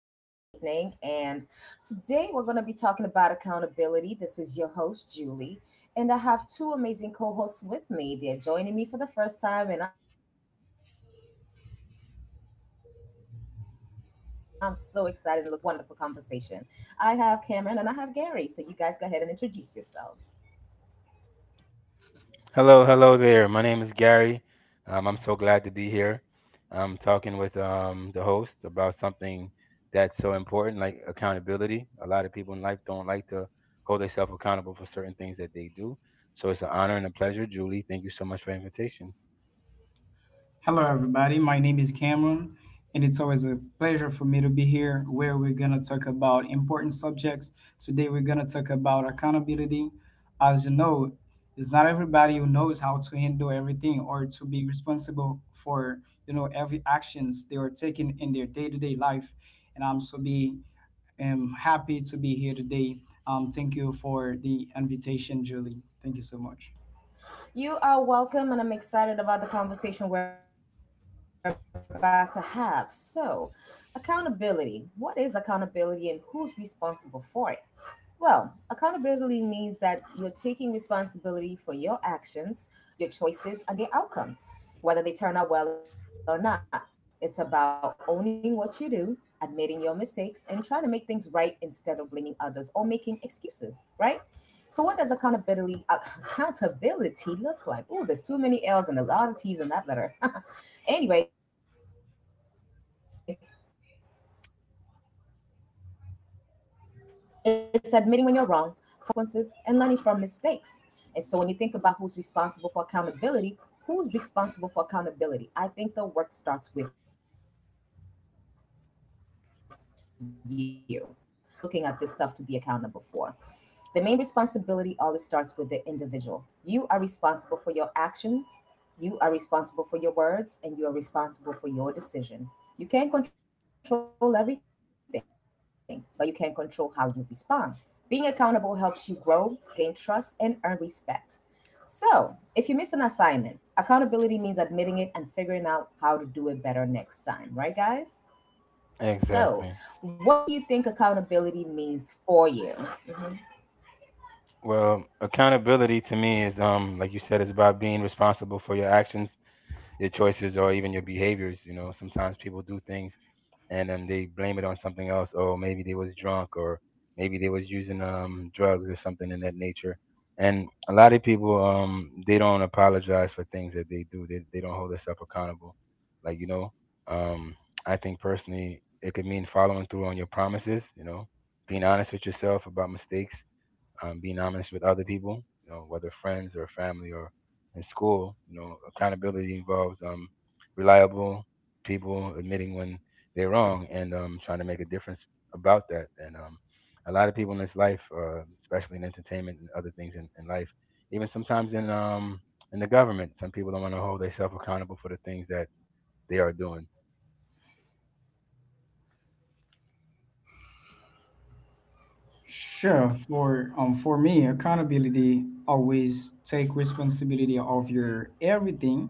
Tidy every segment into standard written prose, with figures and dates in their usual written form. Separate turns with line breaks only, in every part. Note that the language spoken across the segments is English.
for this evening. And today we're going to be talking about accountability. This is your host, Julie, and I have two amazing co hosts with me. They're joining me for the first time, and I'm so excited and looking forward to this wonderful conversation. I have Cameron and I have Gary, so you guys go ahead and introduce yourselves.
Hello, hello there. My name is Gary. I'm so glad to be here. I'm talking with the host about something that's so important, like accountability. A lot of people in life don't like to hold themselves accountable for certain things that they do. So it's an honor and a pleasure. Julie, thank you so much for the invitation.
Hello, everybody. My name is Cameron, and it's always a pleasure for me to be here where we're going to talk about important subjects. Today, we're going to talk about accountability. As you know, it's not everybody who knows how to handle everything or to be responsible for every actions they are taking in their day-to-day life. And I'm so be happy to be here today. Thank you for the invitation, Julie. Thank you so much.
You are welcome, and I'm excited about the conversation we're about to have. So, accountability. What is accountability and who's responsible for it? Well, accountability means that you're taking responsibility for your actions, your choices, and their outcomes, whether they turn out well or not. It's about owning what you do, admitting your mistakes, and trying to make things right instead of blaming others or making excuses, right? So, what does accountability look like? Oh, there's too many L's and a lot of T's in that letter. Anyway, it's admitting when you're wrong, following through on commitments, accepting the consequences, and learning from mistakes. And so when you think about who's responsible for accountability? I think the work starts with you, as in the individual who is here looking at this stuff to be accountable for. The main responsibility always starts with the individual. You are responsible for your actions, you are responsible for your words, and you are responsible for your decision. You can't control everything, but you can control how you respond. Being accountable helps you grow, gain trust, and earn respect. So, if you miss an assignment, accountability means admitting it and figuring out how to do it better next time, right, guys? So, what do you
Exactly.
think accountability means for you? Mm-hmm.
Well, accountability to me is, like you said, is about being responsible for your actions, your choices, or even your behaviors. You know, sometimes people do things and they blame it on something else. Oh, maybe they was drunk, or maybe they was using drugs or something in that nature. And a lot of people, they don't apologize for things that they do. They don't hold themselves accountable. Like you know, um, I think personally, it could mean following through on your promises. You know, being honest with yourself about mistakes being honest with other people, you know, whether friends or family or in school. You know, accountability involves reliable people admitting when they're wrong and trying to make a difference about that. And a lot of people in this life, especially in entertainment and other things in life, even sometimes in the government, some people don't want to hold themselves accountable for the things that they are doing.
Sure. For me, accountability always take responsibility of your everything.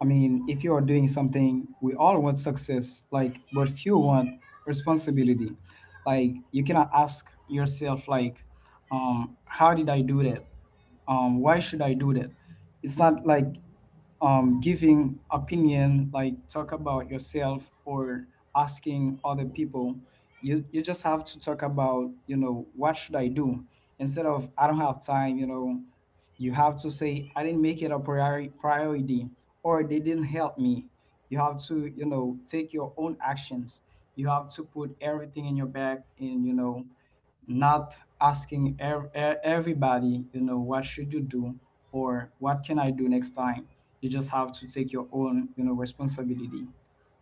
I mean, if you are doing something, we all want success, like, but few want responsibility. Like, you cannot ask yourself, like, how did I do that? Why should I do that? It's not like giving opinion, like talk about yourself or asking other people. You just have to talk about what should I do instead of I don't have time. You have to say I didn't make it a priority, or they didn't help me. You have to take your own actions. You have to put everything in your bag and not asking everybody, what should you do or what can I do next time? You just have to take your own responsibility.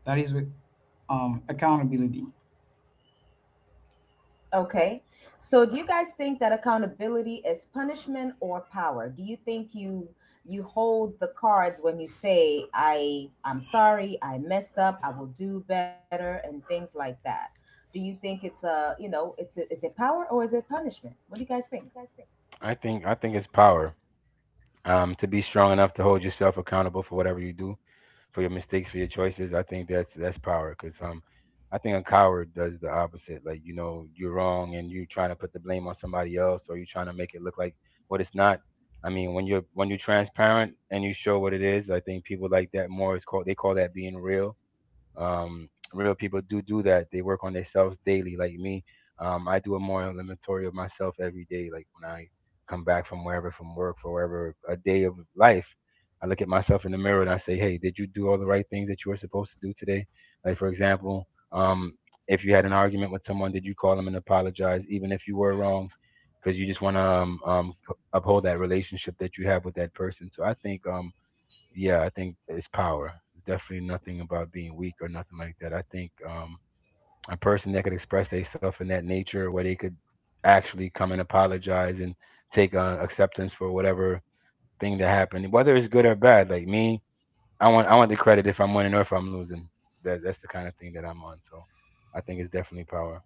That is with accountability.
Okay. So do you guys think that accountability is punishment or power? Do you think you hold the cards when you say I'm sorry, I messed up, I will do better and things like that? Do you think it's a, you know, is it power or is it punishment? What do you guys think?
I think it's power to be strong enough to hold yourself accountable for whatever you do, for your mistakes, for your choices. I think that's power. Cause I think a coward does the opposite. Like you know, you're wrong, and you're trying to put the blame on somebody else, or you're trying to make it look like what it's not. I mean, when you're transparent and you show what it is, I think people like that more is called they call that being real. Um, real people do that. They work on themselves daily, like me. I do a more inventory of myself every day. Like when I come back from wherever, from work, for wherever, a day of life, I look at myself in the mirror and I say, "Hey, did you do all the right things that you were supposed to do today?" Like for example, um, if you had an argument with someone, did you call them and apologize, even if you were wrong? Because you just want to uphold that relationship that you have with that person. So I think yeah, I think it's power. It's definitely nothing about being weak or nothing like that. I think a person that could express themselves in that nature, where they could actually come and apologize and take acceptance for whatever thing that happened, whether it's good or bad. Like me, I want the credit if I'm winning or if I'm losing. That's the kind of thing that I'm on. So I think it's definitely power.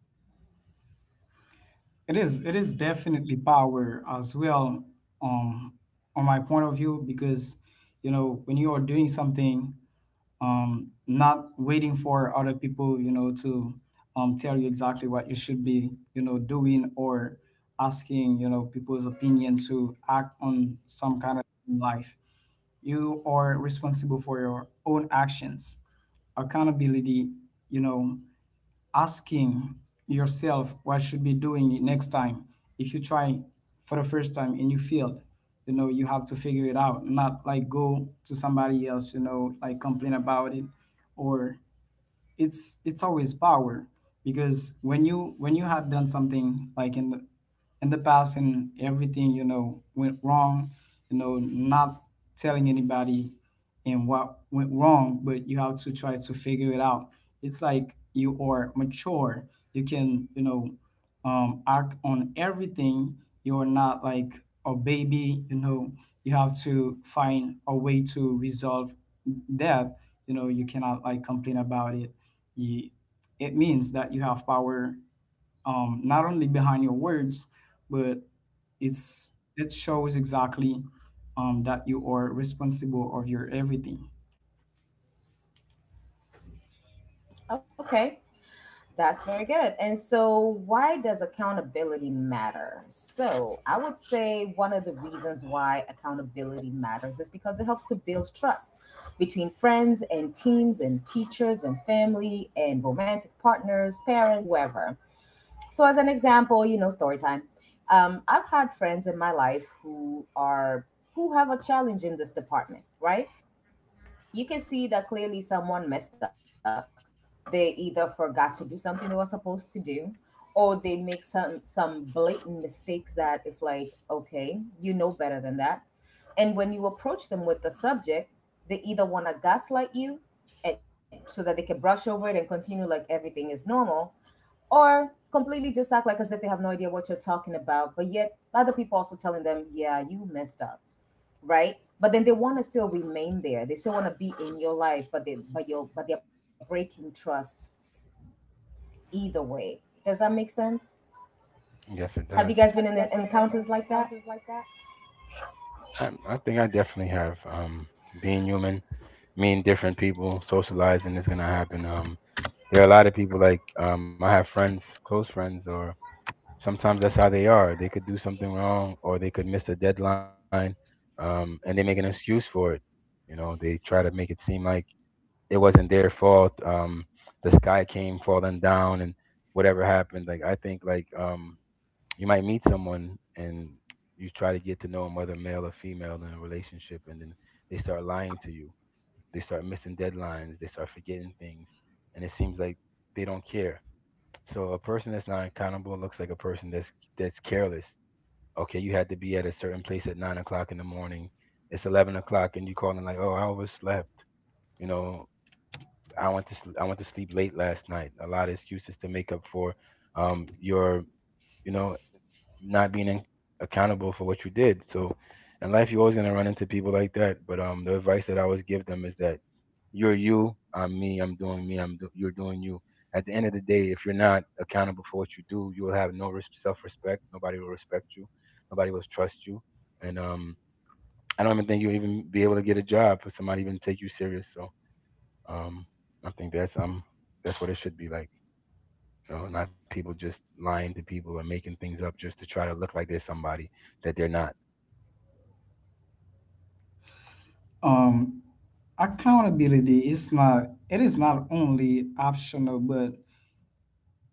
It is definitely power as well, um, on my point of view, because when you are doing something, not waiting for other people, to tell you exactly what you should be doing, or asking people's opinion to act on some kind of life. You are responsible for your own actions. Accountability, you know asking yourself what should be doing next time. If you try for the first time and you failed, you have to figure it out, not like go to somebody else, like complain about it. Or it's always power, because when you have done something, like in the past, and everything went wrong, not telling anybody and what went wrong, but you have to try to figure it out. It's like you are mature, you can, act on everything. You're not like a baby, you have to find a way to resolve that. You cannot like complain about it. You, it means that you have power, not only behind your words, but it's it shows exactly, that you are responsible of your everything.
Okay. That's very good. And so, why does accountability matter? So, I would say one of the reasons why accountability matters is because it helps to build trust between friends and teams and teachers and family and romantic partners, parents, whoever. So, as an example, story time. I've had friends in my life who have a challenge in this department, right? You can see that clearly someone messed up, they either forgot to do something they were supposed to do, or they make some blatant mistakes that is like, okay, you know better than that. And when you approach them with the subject, they either want to gaslight you so that they can brush over it and continue like everything is normal, or completely just act like as if they have no idea what you're talking about, but yet other people also telling them, yeah, you messed up, right? But then they want to still remain there. They still want to be in your life, but they're breaking trust. Either way, does that make sense?
Yes, it
Have
does.
you guys been in encounters like that?
I, I think I definitely have, being human, meeting different people, socializing is gonna happen. There are a lot of people like I have friends, close friends, or sometimes that's how they are. They could do something wrong, or they could miss a deadline, and they make an excuse for it. You know, they try to make it seem like it wasn't their fault. The sky came falling down, and whatever happened. Like I think, like you might meet someone and you try to get to know them, whether male or female, in a relationship, and then they start lying to you. They start missing deadlines. They start forgetting things, and it seems like they don't care. So a person that's not accountable looks like a person that's careless. Okay, you had to be at a certain place at 9 o'clock in the morning. It's 11 o'clock, and you calling like, "Oh, I overslept." You know, I went to sleep late last night. A lot of excuses to make up for your you know not being accountable for what you did. So in life, you're always gonna run into people like that. But the advice that I always give them is that you're you, I'm me, I'm doing me, you're doing you. At the end of the day, if you're not accountable for what you do, you will have no self-respect. Nobody will respect you. Nobody will trust you. And I don't even think you'll even be able to get a job if somebody even take you serious. So um, I think that's what it should be like you know, not people just lying to people and making things up just to try to look like they're somebody that they're not.
Um, accountability is not only optional, but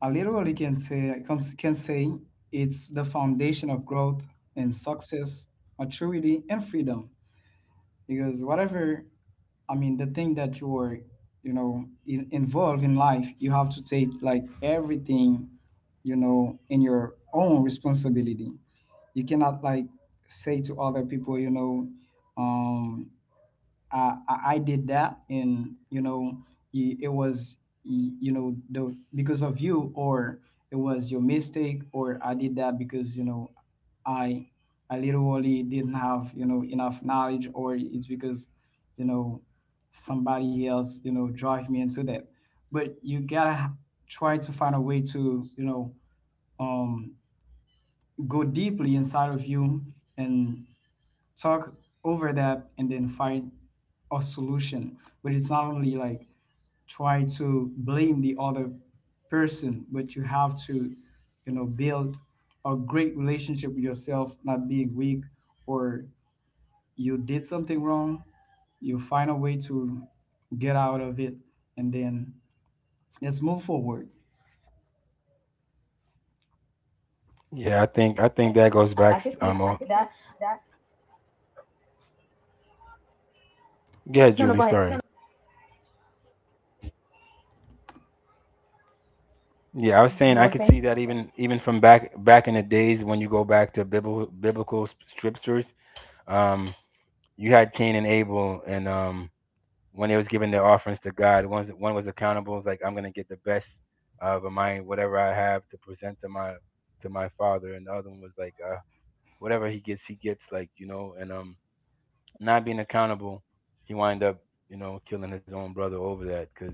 I literally can say it's the foundation of growth and success, maturity, and freedom. Because whatever, I mean, the thing that you're, involved in life, you have to take, like, everything, in your own responsibility. You cannot like say to other people, um, I did that, and you know, it was, y- you know, the because of you, or it was your mistake, or I did that because I I literally didn't have enough knowledge, or it's because you know somebody else drive me into that. But you gotta try to find a way to um, go deeply inside of you and talk over that, and then find a solution. But it's not only like try to blame the other person, but you have to build a great relationship with yourself, not being weak, or you did something wrong, you find a way to get out of it, and then let's move forward.
Yeah, I think I
Okay,
think that goes
I
back.
can see that.
Oh, yeah,
No, no, go
Julie,
ahead.
sorry. Yeah, I was saying
You
I
were
could see
saying?
that even from back in the days when you go back to biblical scriptures, um, you had Cain and Abel, and when they was giving their offerings to God, one was accountable, it's like I'm gonna get the best of my whatever I have to present to my father, and the other one was like, whatever he gets like you know, and not being accountable, he wind up you know killing his own brother over that. Because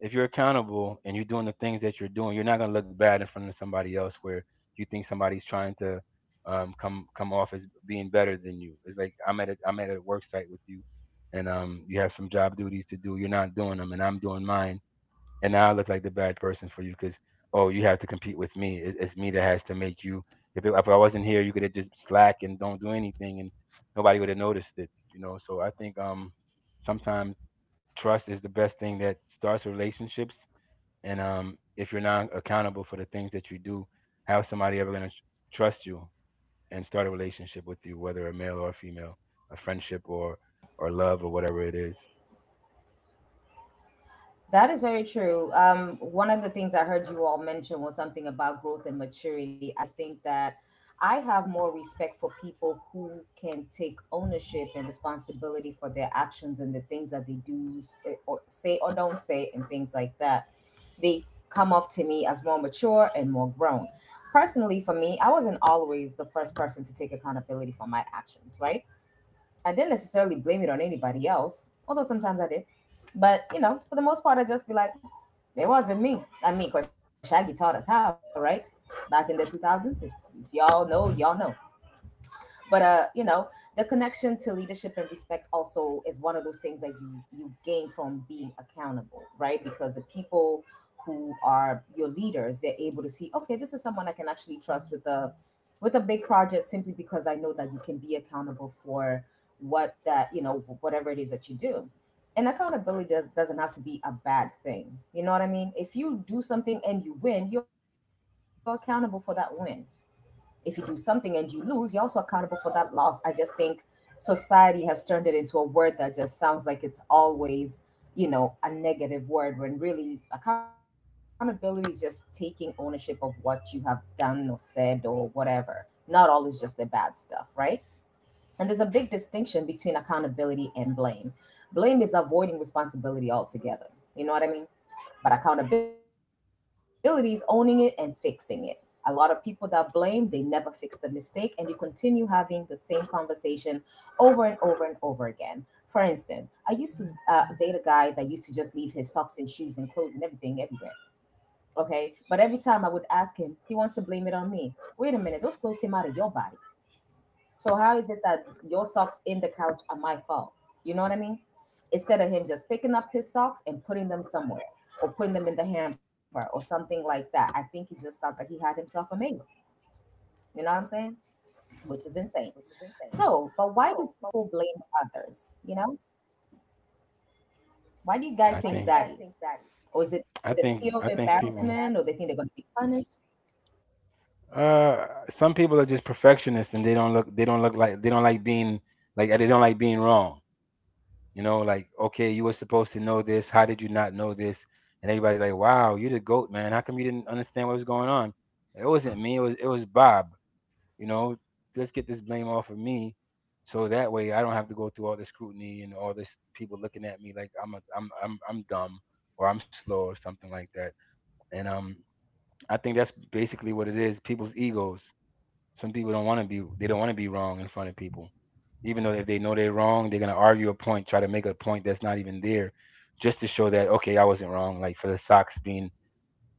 if you're accountable and you're doing the things that you're doing, you're not gonna look bad in front of somebody else where you think somebody's trying to come off as being better than you. It's like I'm at a work site with you, and you have some job duties to do. You're not doing them, and I'm doing mine and now I look like the bad person for you because oh, you have to compete with me. It's me that has to make you. If I wasn't here, you could have just slack and don't do anything, and nobody would have noticed it. You know, so I think sometimes trust is the best thing that starts relationships, and if you're not accountable for the things that you do, how's somebody ever gonna trust you and start a relationship with you, whether a male or a female, a friendship or love or whatever it is?
That is very true. One of the things I heard you all mention was something about growth and maturity. I think that I have more respect for people who can take ownership and responsibility for their actions and the things that they or say or don't say and things like that. They come off to me as more mature and more grown. Personally, for me, I wasn't always the first person to take accountability for my actions, right? I didn't necessarily blame it on anybody else, although sometimes I did. But you know, for the most part, I just be like, it wasn't me. I mean, 'cause Shaggy taught us how, right? Back in the 2000s. If y'all know, y'all know. But you know, the connection to leadership and respect also is one of those things that you gain from being accountable, right? Because the people who are your leaders, they're able to see, okay, this is someone I can actually trust with a big project, simply because I know that you can be accountable for what that you know, whatever it is that you do. And doesn't have to be a bad thing, you know what I mean? If you do something and you win, you're accountable for that win. If you do something and you lose, you're also accountable for that loss. I just think society has turned it into a word that just sounds like it's always, you know, a negative word, when really accountability is just taking ownership of what you have done or said or whatever. Not always just the bad stuff, right? And there's a big distinction between accountability and blame. Blame is avoiding responsibility altogether. You know what I mean? But accountability is owning it and fixing it. A lot of people that blame, they never fix the mistake, and you continue having the same conversation over and over and over again. For instance, I used to date a guy that used to just leave his socks and shoes and clothes and everything everywhere. Okay, but every time I would ask him, he wants to blame it on me. Wait a minute, those clothes came out of your body. So how is it that your socks in the couch are my fault? You know what I mean? Instead of him just picking up his socks and putting them somewhere or putting them in the hamper or something like that. I think he just thought that he had himself a mate. You know what I'm saying? Which is insane. So, but why do people blame others? You know?
I Why think do
Why
you
do
guys
you
think
guys
that?
think that is?
I think
Or is
I
it the
think
fear of
people.
embarrassment or they think they're gonna be punished?
Uh, some people are just perfectionists and they don't look like they don't like being like they don't like being wrong. You know, like okay, you were supposed to know this. How did you not know this? And everybody's like, "Wow, you're the goat, man. How come you didn't understand what was going on?" It wasn't me. It was Bob. You know, let's get this blame off of me, so that way I don't have to go through all this scrutiny and all this people looking at me like I'm dumb or I'm slow or something like that. And I think that's basically what it is. People's egos. Some people don't want to be they don't want to be wrong in front of people. Even though if they know they're wrong, they're gonna argue a point, try to make a point that's not even there, just to show that okay, I wasn't wrong. Like for the socks being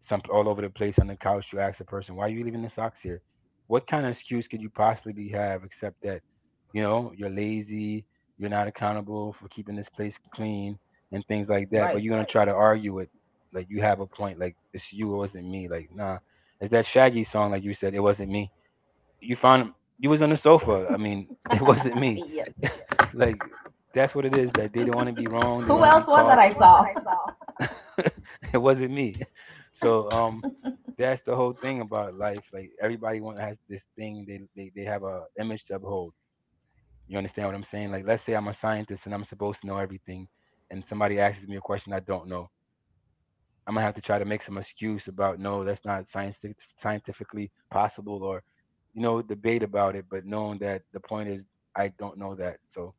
some all over the place on the couch, you ask the person, why are you leaving the socks here? What kind of excuse could you possibly have except that, you know, you're lazy, you're not accountable for keeping this place clean and things like that. But
Right.
you're gonna try to argue it, like you have a point, like it's you, it wasn't me. Like nah, it's that Shaggy song, like you said, it wasn't me you found you was on the sofa. I mean, it wasn't me.
Yeah.
Like that's what it is. That they don't want to be wrong. They don't
Who
want to be
else was that
caught.
I saw?
Saw? it wasn't me. So that's the whole thing about life. Like everybody want has this thing. They have a image to uphold. You understand what I'm saying? Like let's say I'm a scientist and I'm supposed to know everything, and somebody asks me a question I don't know. I'm gonna have to try to make some excuse about no, that's not scientific, scientifically possible, or you know, debate about it. But knowing that the point is, I don't know that. So,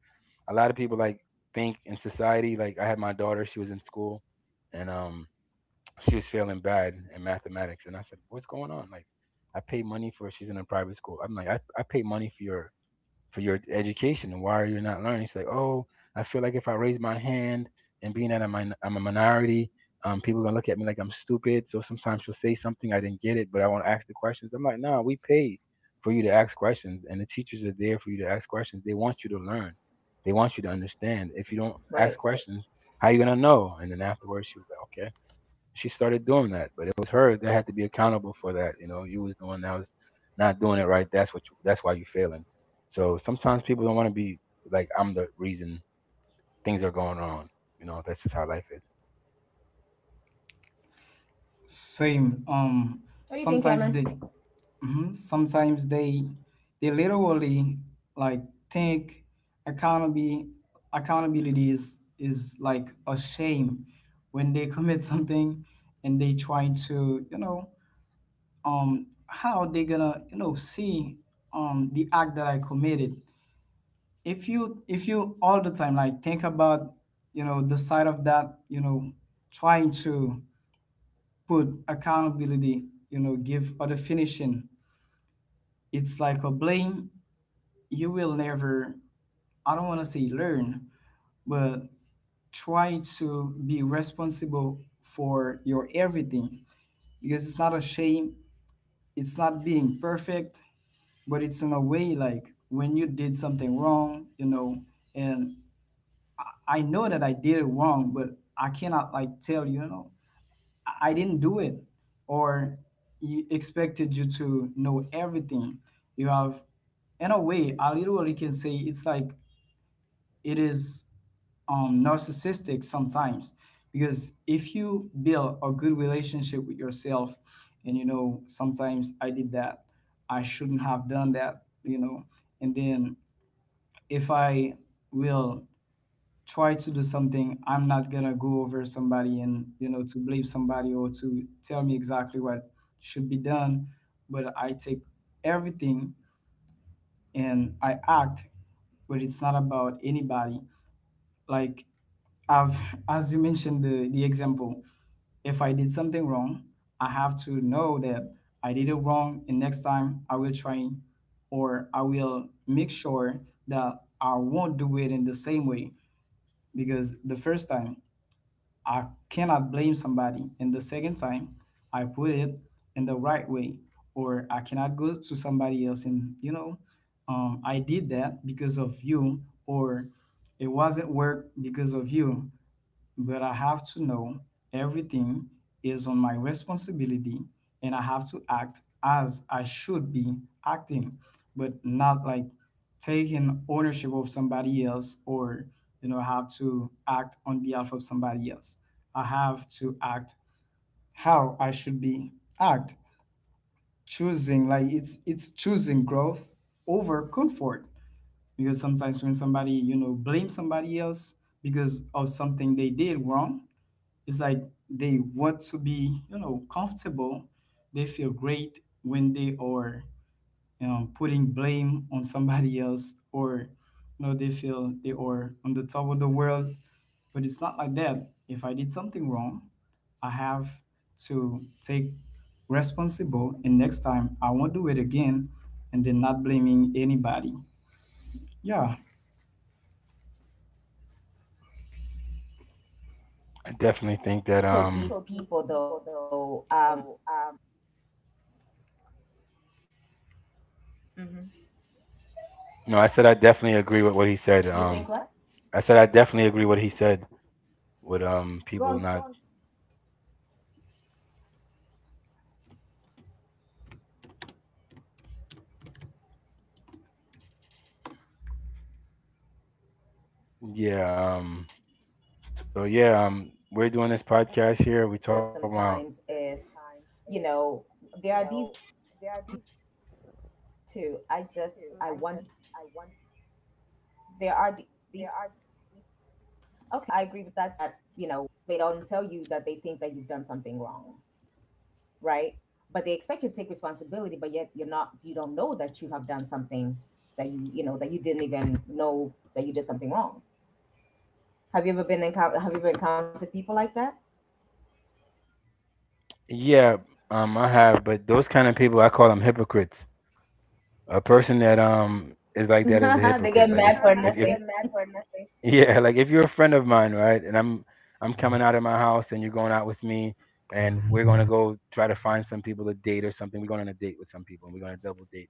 a lot of people like think in society. Like I had my daughter; she was in school, and she was failing bad in mathematics. And I said, "What's going on?" Like, I pay money for. She's in a private school. I'm like, I pay money for your education. Why are you not learning? She's like, oh, I feel like if I raise my hand and being that I'm a minority, people gonna look at me like I'm stupid. So sometimes she'll say something I didn't get it, but I want to ask the questions. I'm like, nah, we pay for you to ask questions, and the teachers are there for you to ask questions. They want you to learn. They want you to understand. If you don't ask
Right.
questions, how are you gonna know? And then afterwards, she was like, okay. She started doing that, but it was her that had to be accountable for that. You know, you was the one that was not doing it right. That's what you, that's why you are failing. So sometimes people don't want to be like I'm the reason things are going wrong. You know, that's just how life is.
Same.
What do you
Sometimes
think,
they,
Cameron?
mhm, Sometimes they literally like think accountability, accountability is like a shame when they commit something, and they try to, how they gonna, see, the act that I committed. If you all the time like think about, the side of that, trying to put accountability, give a finishing, it's like a blame. You will never, I don't want to say learn, but try to be responsible for your everything, because it's not a shame, it's not being perfect, but it's in a way like when you did something wrong, and I know that I did it wrong, but I cannot like tell you, I didn't do it. Or you expected you to know everything. You have, in a way, I literally can say it's like it is, narcissistic sometimes, because if you build a good relationship with yourself, and, sometimes I did that, I shouldn't have done that, you know, and then if I will try to do something, I'm not gonna go over somebody and to blame somebody or to tell me exactly what should be done. But I take everything and I act, but it's not about anybody, like I've as you mentioned the example, if I did something wrong, I have to know that I did it wrong, and next time I will try, or I will make sure that I won't do it in the same way. Because the first time, I cannot blame somebody. And the second time, I put it in the right way. Or I cannot go to somebody else and, I did that because of you, or it wasn't work because of you. But I have to know everything is on my responsibility, and I have to act as I should be acting, but not like taking ownership of somebody else, or have to act on behalf of somebody else. I have to act how I should be act. Choosing, like, it's choosing growth over comfort, because sometimes when somebody blames somebody else because of something they did wrong, it's like they want to be, comfortable. They feel great when they are, putting blame on somebody else, or, they feel they are on the top of the world. But it's not like that. If I did something wrong, I have to take responsible, and next time I won't do it again, and then not blaming anybody. Yeah,
I
I
definitely think
think
that
that there are
um
also these people, though. Mhm. You think what?
no, I said I definitely agree with what he said.
Go on.
I said I definitely agree with what he said with people not.
Okay.
Yeah. um
Yeah,
so
I agree
yeah,
with that
we're
too.
doing
I
this
just
podcast
I
here. We
wonder
talk about.
sometimes if, you know, there are these groups of folks. There are these people that, you know, they they don't tell you that they think that you've done something wrong, right? But they expect you to take responsibility, but yet you're not. You don't know that you have done something that you didn't even know that you did something wrong. Have you ever encountered people like that?
Yeah, I have, but those kind of people, I call them hypocrites. A person that is like that is a
They get
hypocrite. Like
mad
if
for
if That's
nothing.
a if yeah, like if you're a friend of mine, right, and I'm coming out of my house and you're going out with me, and we're gonna go try to find some people to date or something. We're going on a date with some people and we're gonna double date.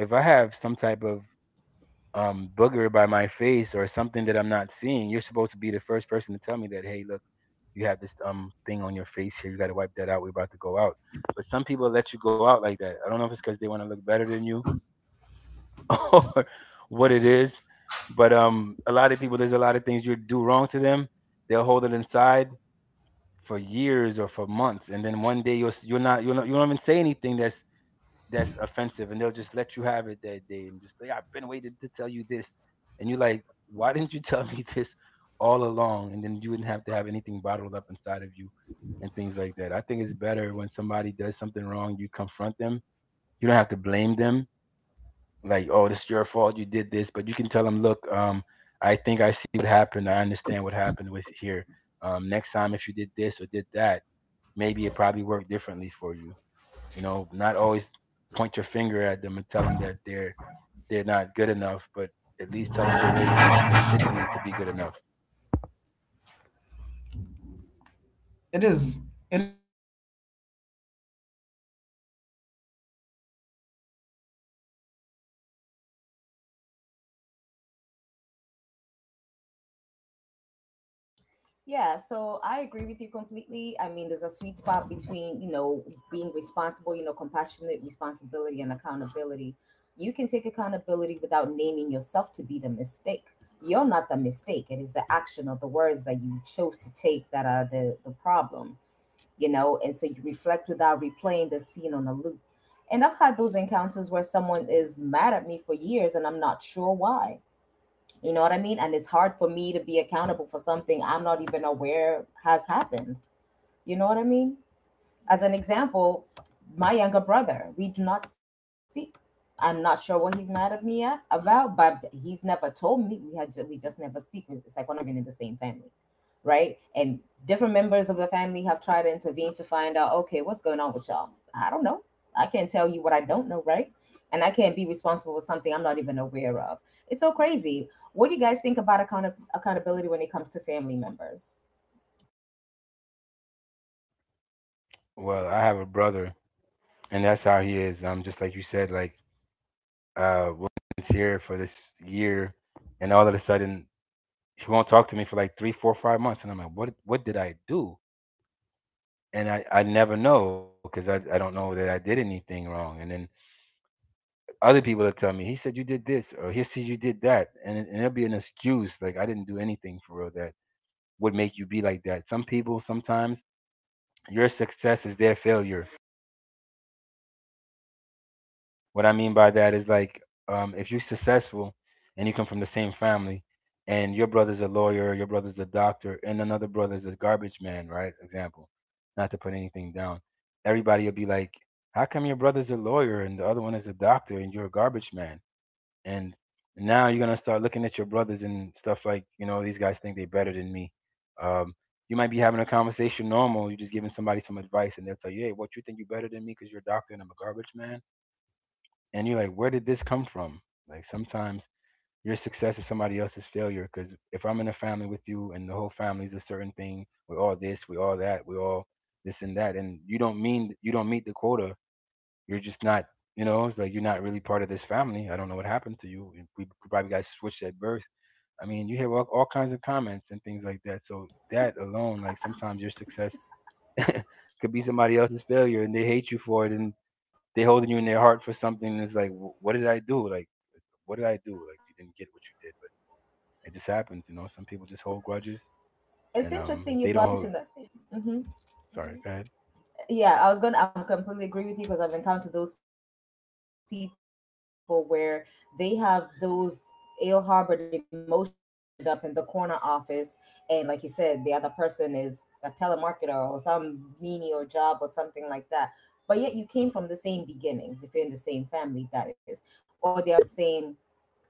If I have some type of booger by my face or something that I'm not seeing, you're supposed to be the first person to tell me that. Hey, look you have this thing on your face here. You got to wipe that out. We're about to go out. But some people let you go out like that. I don't know if it's because they want to look better than you or what it is. But a lot of people, there's a lot of things you do wrong to them. They'll hold it inside for years or for months, and then one day you're not, you don't even say anything that's offensive, and they'll just let you have it that day and just say, I've been waiting to tell you this. And you're like, why didn't you tell me this all along? And then you wouldn't have to have anything bottled up inside of you and things like that. I think it's better when somebody does something wrong, you confront them. You don't have to blame them. Like, oh, this is your fault. You did this. But you can tell them, look, I think I see what happened. I understand what happened with here. Next time, if you did this or did that, maybe it probably worked differently for you. You know, not always point your finger at them and tell them that they're not good enough, but at least tell them the way that they should be to be good enough.
it is. It is. It.
Yeah, so I agree with you completely. I mean, there's a sweet spot between, you know, being responsible, you know, compassionate responsibility and accountability. You can take accountability without naming yourself to be the mistake. You're not the mistake. It is the action or the words that you chose to take that are the problem. You know, and so you reflect without replaying the scene on a loop. And I've had those encounters where someone is mad at me for years and I'm not sure why. You know what I mean? And it's hard for me to be accountable for something I'm not even aware has happened. You know what I mean? As an example, my younger brother, we do not speak. I'm not sure what he's mad at me at, about, but he's never told me. We we just never speak. It's like we're not even in the same family, right? And different members of the family have tried to intervene to find out, okay, what's going on with y'all? I don't know. I can't tell you what I don't know, right? And I can't be responsible for something I'm not even aware of. It's so crazy. What do you guys think about accountability when it comes to family members?
Well, I have a brother, and that's how he is. Just like you said, like we'll be friends here for this year, and all of a sudden he won't talk to me for like 3, 4, 5 months, and I'm like, what? What did I do? And I never know because I don't know that I did anything wrong. And then other people will tell me, he said you did this, or he said you did that. And there'll be an excuse, like I didn't do anything for real that would make you be like that. Some people sometimes your success is their failure. What I mean by that is like if you're successful and you come from the same family, and your brother's a lawyer, your brother's a doctor, and another brother's a garbage man, right? Example, not to put anything down. Everybody will be like, "How come your brother's a lawyer and the other one is a doctor and you're a garbage man?" And now you're gonna start looking at your brothers and stuff like, you know, these guys think they're better than me. um you might be having a conversation normal, you're just giving somebody some advice and they'll tell you, hey, what, you think you're better than me because you're a doctor and I'm a garbage man? And you're like, where did this come from? Like sometimes your success is somebody else's failure, because if I'm in a family with you and the whole family's a certain thing, we're all this, we're all that, we're all this and that, and you don't mean you don't meet the quota, you're just not, you know, it's like you're not really part of this family. I don't know what happened to you. We probably got switched at birth. I mean, you hear all kinds of comments and things like that. So that alone, like sometimes your success could be somebody else's failure, and they hate you for it, and they holding you in their heart for something. And it's like, "Wh- what did I do? Like, what did I do? Like, you didn't get what you
It's
did, but
interesting you brought that
it just
up. Let
happens. You
me,
know, some people just hold grudges, and
yeah, it's funny that
they
you
don't hold.
mentioned that. Hmm.
Sorry, go ahead.
Yeah, I was going to, I completely agree with you, because I've encountered those people where they have those ill harbored emotions because you ended up in the corner office. And like you said, the other person is a telemarketer or some menial job or something like that. But yet you came from the same beginnings, if you're in the same family, that is, or they're afforded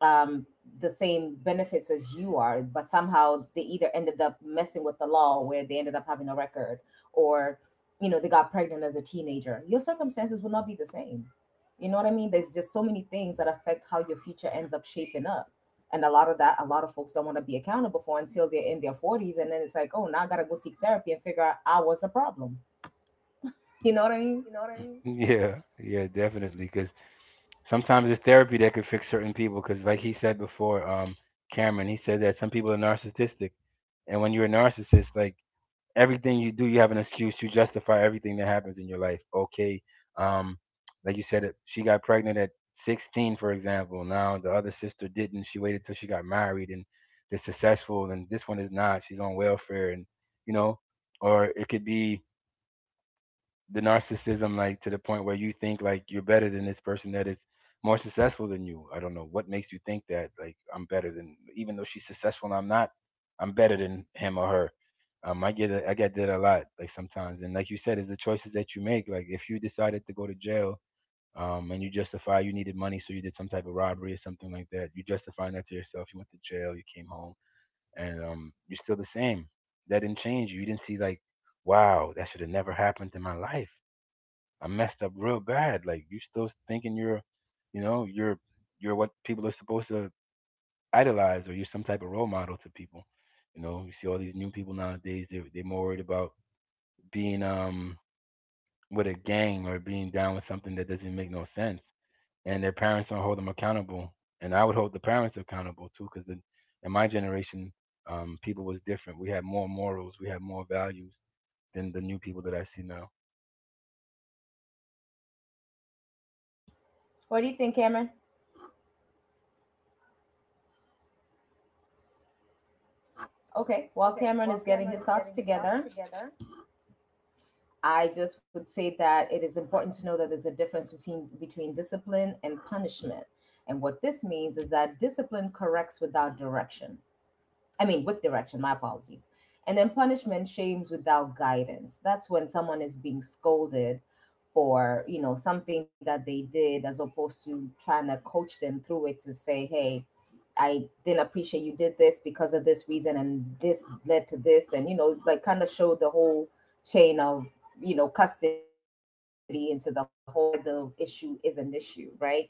um, the same benefits as you are, but somehow they either ended up messing with the law where they ended up having a record or, you know, they got pregnant as a teenager, your circumstances will not be the same. You know what I mean? There's just so many things that affect how your future ends up shaping up. And a lot of that, a lot of folks don't want to be accountable for until they're in their 40s. And then it's like, oh, now I got to go seek therapy and figure out I was the problem. You know what I mean?
Yeah, yeah, definitely, cause. Sometimes it's therapy that could fix certain people because, like he said before, Cameron, he said that some people are narcissistic, and when you're a narcissist, like everything you do, you have an excuse to justify everything that happens in your life. Okay, um, like you said, she got pregnant at 16, for example. Now the other sister didn't. She waited till she got married and is successful, and this one is not. She's on welfare, and you know, or it could be the narcissism like to the point where you think like you're better than this person that is more successful than you. I don't know what makes you think that like I'm better than, even though she's successful and I'm not, I'm better than him or her. I get that a lot like sometimes, and like you said, it's the choices that you make. Like if you decided to go to jail, and you justify you needed money, so you did some type of robbery or something like that. You justify that to yourself. You went to jail, you came home, and you're still the same. That didn't change you. You didn't see like, wow, that should have never happened in my life. I messed up real bad. Like you still thinking you're, you know, you're what people are supposed to idolize, or you're some type of role model to people. You know, you see all these new people nowadays. They they're more worried about being with a gang or being down with something that doesn't make no sense, and their parents don't hold them accountable. And I would hold the parents accountable too, because in, my generation, people was different. We had more morals, we had more values than the new people that I see now.
What do you think, Cameron? Okay, while Cameron is getting his thoughts together, I just would say that it is important to know that there's a difference between discipline and punishment. And what this means is that discipline corrects without direction, I mean, with direction, my apologies. And then punishment shames without guidance. That's when someone is being scolded for, you know, something that they did, as opposed to trying to coach them through it to say, hey, I didn't appreciate you did this because of this reason, and this led to this, and you know, like, kind of showed the whole chain of, you know, custody into the whole why the issue is an issue, right?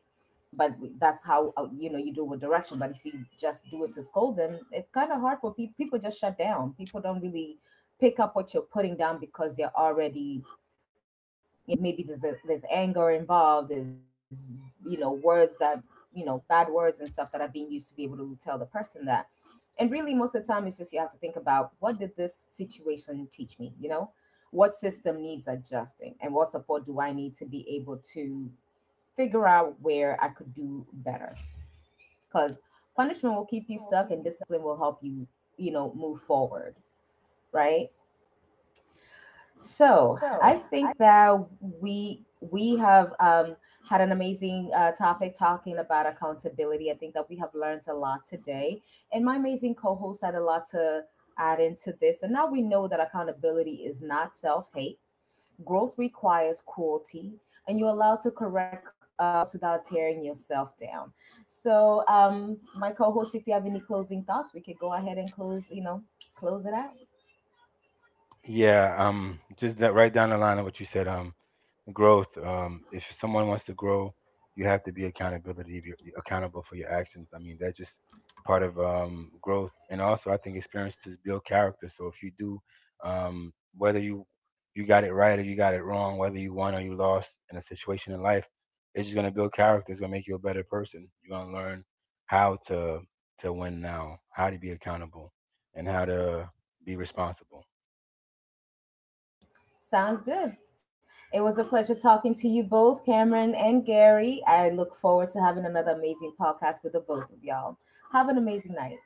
That's how, you know, you do with direction. But if you just do it to scold them, it's kind of hard for people. People just shut down. People don't really pick up what you're putting down because they're already, you know, maybe there's anger involved, there's, you know, words that, you know, bad words and stuff that are being used to be able to tell the person that. And really, most of the time, it's just you have to think about, what did this situation teach me? You know, what system needs adjusting, and what support do I need to be able to figure out where I could do better? Because punishment will keep you stuck, and discipline will help you, you know, move forward, right? So I think that we we have, had an amazing topic talking about accountability. I think that we have learned a lot today, and my amazing co-host had a lot to add into this. And now we know that accountability is not self-hate. Growth requires cruelty, and you're allowed to correct the course without tearing yourself down. So, my co-host, if you have any closing thoughts, we could go ahead and close. You know, close it out.
Yeah, just that right down the line of what you said. Growth. If someone wants to grow, you have to be accountable for your actions. I mean, that's just part of growth. And also, I think experiences build character. So if you do, um, whether you got it right or you got it wrong, whether you won or you lost in a situation in life, it's just gonna build character. It's gonna make you a better person. You're gonna learn how to win now, how to be accountable, and how to be responsible.
Sounds good. It was a pleasure talking to you both, Cameron and Gary. I look forward to having another amazing podcast with the both of y'all. Have an amazing night.